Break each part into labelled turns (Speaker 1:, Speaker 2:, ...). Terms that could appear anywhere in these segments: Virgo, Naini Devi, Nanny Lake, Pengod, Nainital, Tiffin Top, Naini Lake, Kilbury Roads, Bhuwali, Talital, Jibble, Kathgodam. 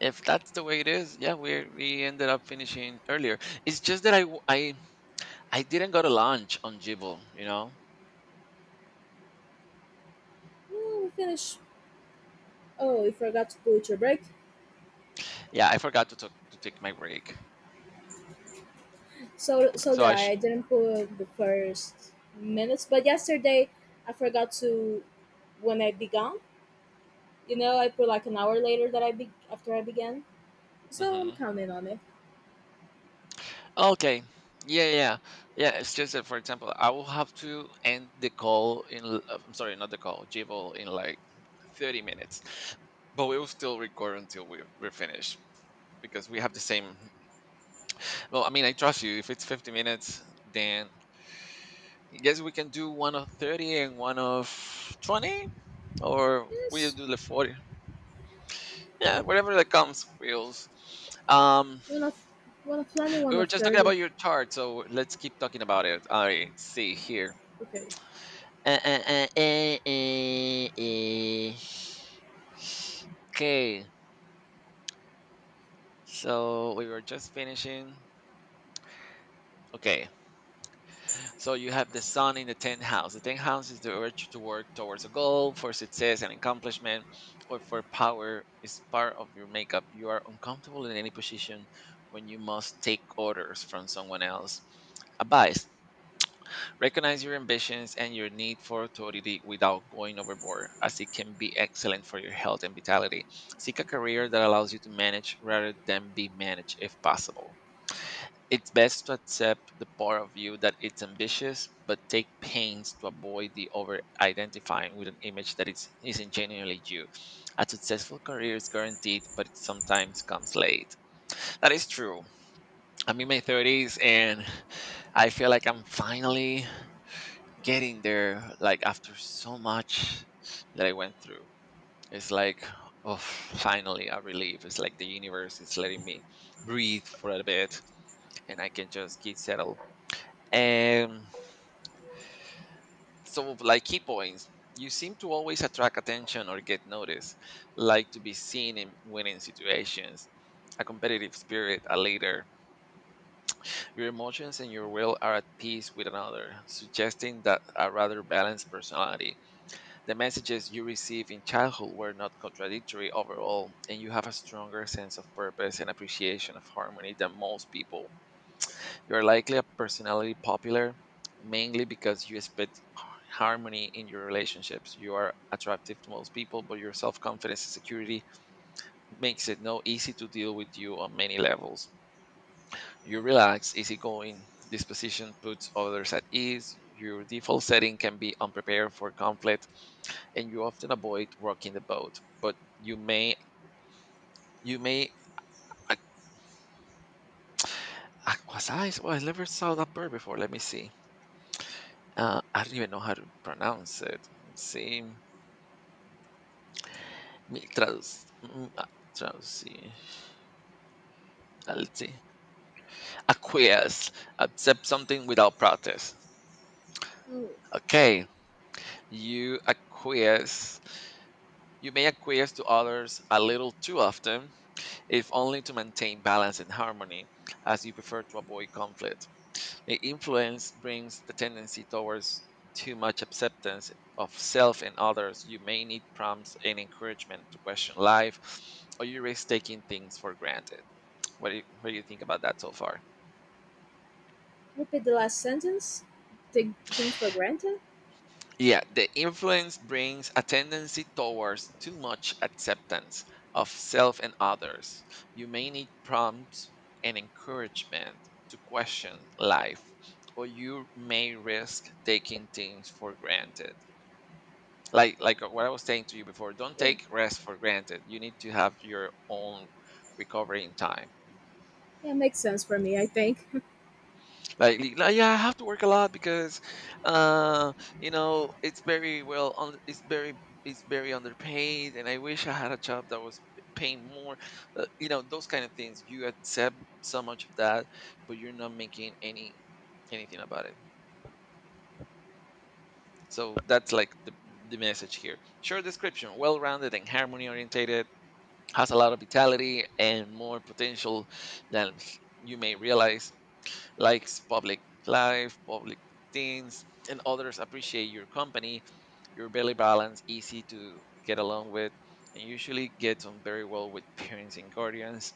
Speaker 1: If that's the way it is, yeah, we ended up finishing earlier. It's just that I i didn't go to lunch on Jibble,
Speaker 2: Oh, finish. Oh, we forgot to put your break.
Speaker 1: Yeah, I forgot to talk, to take my break.
Speaker 2: So
Speaker 1: so
Speaker 2: did
Speaker 1: i
Speaker 2: I.
Speaker 1: sh-
Speaker 2: I didn't put the first minutes, but yesterday I forgot to when I began. You know, I put like an hour later that I be after I began. So I'm
Speaker 1: Mhm.
Speaker 2: counting on it.
Speaker 1: Okay. Yeah, yeah, yeah. Yeah, it's just that for example I will have to end the call in I'm sorry, not the call, Jibble in like 30 minutes, but we will still record until we're finished because we have the same. Well, I mean, I trust you. If it's 50 minutes, then I guess we can do one of 30 and one of 20, or we'll
Speaker 2: Yes,
Speaker 1: do the 40. Yeah, whatever that comes, feels. Um,
Speaker 2: one of 20, one
Speaker 1: we were
Speaker 2: of
Speaker 1: just talking
Speaker 2: 30.
Speaker 1: about your chart, so let's keep talking about it. All right, see here.
Speaker 2: Okay.
Speaker 1: Uh, uh, uh, uh, uh, uh. Okay, so we were just finishing. Okay, so you have the sun in the 10th house. The 10th house is the urge to work towards a goal for success and accomplishment or for power is part of your makeup. You are uncomfortable in any position when you must take orders from someone else. Advice: recognize your ambitions and your need for authority without going overboard, as it can be excellent for your health and vitality. Seek a career that allows you to manage rather than be managed if possible. It's best to accept the point of view that it's ambitious, but take pains to avoid the over identifying with an image that isn't genuinely you. A successful career is guaranteed, but it sometimes comes late. That is true. I'm in my 30s, and I feel like I'm finally getting there, like after so much that I went through. It's like, oh, finally a relief. It's like the universe is letting me breathe for a bit, and I can just get settled. And so, like, key points, you seem to always attract attention or get noticed, like to be seen in winning situations, a competitive spirit, a leader. Your emotions and your will are at peace with another, suggesting that a rather balanced personality. The messages you received in childhood were not contradictory overall, and you have a stronger sense of purpose and appreciation of harmony than most people. You're likely a personality popular mainly because you expect harmony in your relationships. You are attractive to most people, but your self confidence and security makes it no easy to deal with you on many levels. You're relaxed, easygoing. This position puts others at ease. Your default setting can be unprepared for conflict, and you often avoid rocking the boat. But you may, you may. I, was I? Well, I never saw that bird before. Let me see. I don't even know how to pronounce it. Let's see. Mi trans, transi. Let's see. Acquiesce. Accept something without protest.
Speaker 2: Oh,
Speaker 1: Okay. You acquiesce. You may acquiesce to others a little too often, if only to maintain balance and harmony, as you prefer to avoid conflict. The influence brings the tendency towards too much acceptance of self and others. You may need prompts and encouragement to question life, or you risk taking things for granted. What do you think about that so far?
Speaker 2: repeat the last sentence. Take things for granted.
Speaker 1: Yeah, the influence brings a tendency towards too much acceptance of self and others. You may need prompts and encouragement to question life, or you may risk taking things for granted. Like what I was saying to you before, don't
Speaker 2: Yeah.
Speaker 1: take rest for granted. You need to have your own recovering time.
Speaker 2: Yeah, makes sense for me, I think.
Speaker 1: Like, yeah, I have to work a lot because, uh, you know, it's very well, on, it's very underpaid, and I wish I had a job that was paying more. You know, those kind of things. You accept so much of that, but you're not making anything about it. So that's like the message here. Short description: well-rounded and harmony-orientated, has a lot of vitality and more potential than you may realize, likes public life, public things, and others appreciate your company, your belly balance, easy to get along with, and usually gets on very well with parents and guardians.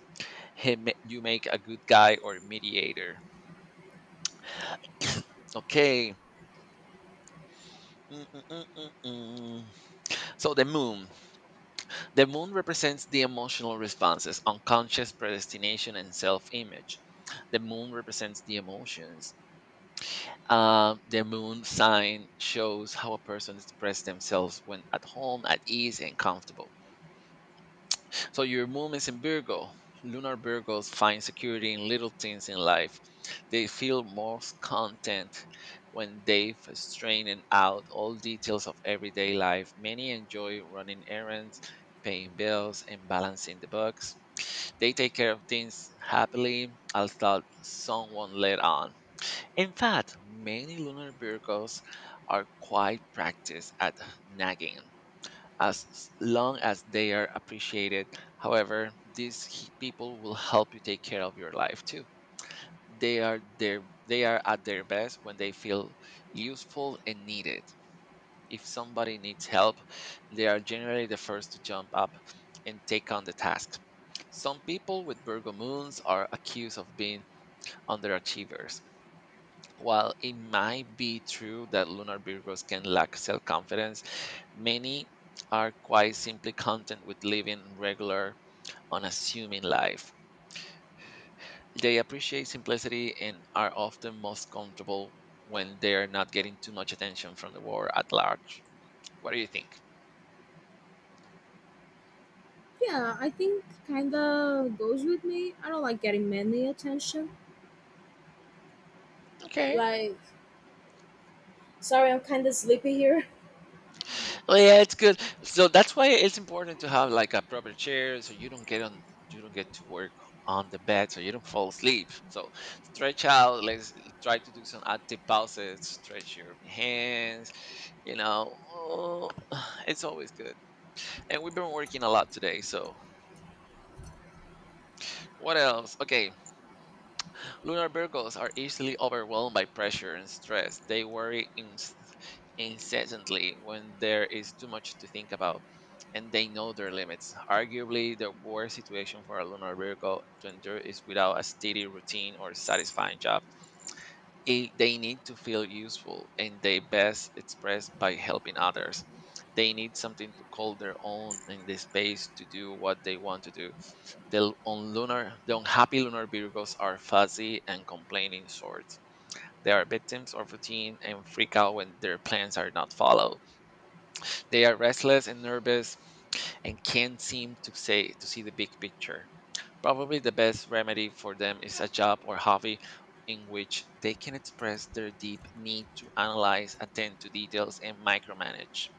Speaker 1: You make a good guy or mediator. Okay. Mm, mm, mm, mm, mm. So the moon. The moon represents the emotional responses, unconscious predestination, and self image. The moon represents the emotions. Their moon sign shows how a person expresses themselves when at home, at ease, and comfortable. So your moon is in Virgo. Lunar Virgos find security in little things in life. They feel most content when they've strained out all details of everyday life. Many enjoy running errands, paying bills, and balancing the books. They take care of things happily, as thought someone let on. In fact, many lunar vehicles are quite practiced at nagging as long as they are appreciated. However, these people will help you take care of your life too. They are at their best when they feel useful and needed. If somebody needs help, they are generally the first to jump up and take on the task. Some people with Virgo moons are accused of being underachievers. While it might be true that lunar Virgos can lack self confidence, many are quite simply content with living regular, unassuming life. They appreciate simplicity and are often most comfortable when they're not getting too much attention from the world at large. What do you think?
Speaker 2: Yeah, I think kinda goes with me. I don't like getting many attention.
Speaker 1: Okay.
Speaker 2: Like, sorry, I'm kind of sleepy here.
Speaker 1: Oh yeah, it's good. So that's why it's important to have like a proper chair so you don't get on, you don't get to work on the bed so you don't fall asleep. So stretch out, let's try to do some active pauses, stretch your hands, you know. Oh, it's always good. And we've been working a lot today, so what else? Okay, lunar Virgos are easily overwhelmed by pressure and stress. Incessantly when there is too much to think about, and they know their limits. Arguably, the worst situation for a Lunar Virgo to endure is without a steady routine or satisfying job. They need to feel useful, and they best express by helping others. They need something to call their own and the space to do what they want to do the unhappy lunar Virgos are fuzzy and complaining sorts. They are victims of routine and freak out when their plans are not followed. They are restless and nervous and can't seem to see the big picture. Probably the best remedy for them is a job or hobby in which they can express their deep need to analyze, attend to details, and micromanage.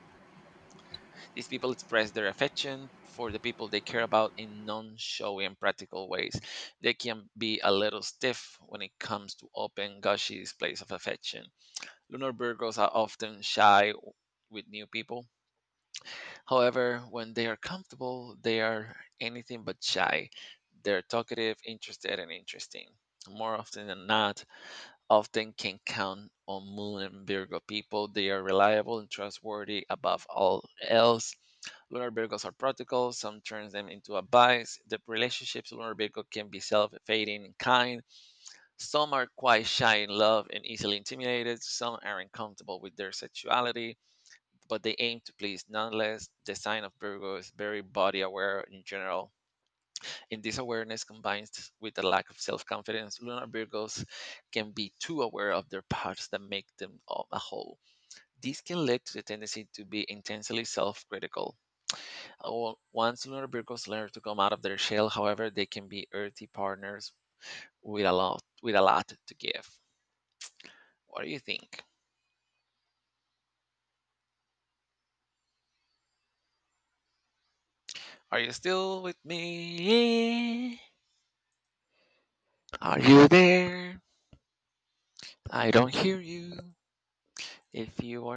Speaker 1: These people express their affection for the people they care about in non showy and practical ways. They can be a little stiff when it comes to open, gushy displays of affection. Lunar Virgos are often with new people. However, when they are comfortable, they are anything but shy. They're talkative, interested, and interesting. More often than not, often can count on Moon and Virgo people. They are reliable and trustworthy above all else. Lunar vehicles are practical, some turns them into a vice. The relationships with lunar vehicle can be self-fading in kind. Some are quite shy in love and easily intimidated. Some are uncomfortable with their sexuality, but they aim to please nonetheless. The sign of Virgo is very body aware in general. And this awareness combines with a lack of self-confidence. Lunar Virgos can be too aware of their parts that make them a whole. This can lead to the tendency to be intensely self critical. Well, once lunar Virgos learn to come out of their shell, however, they can be earthy partners with a lot to give. What do you think? Are you still with me? Are you there? I don't hear you. If you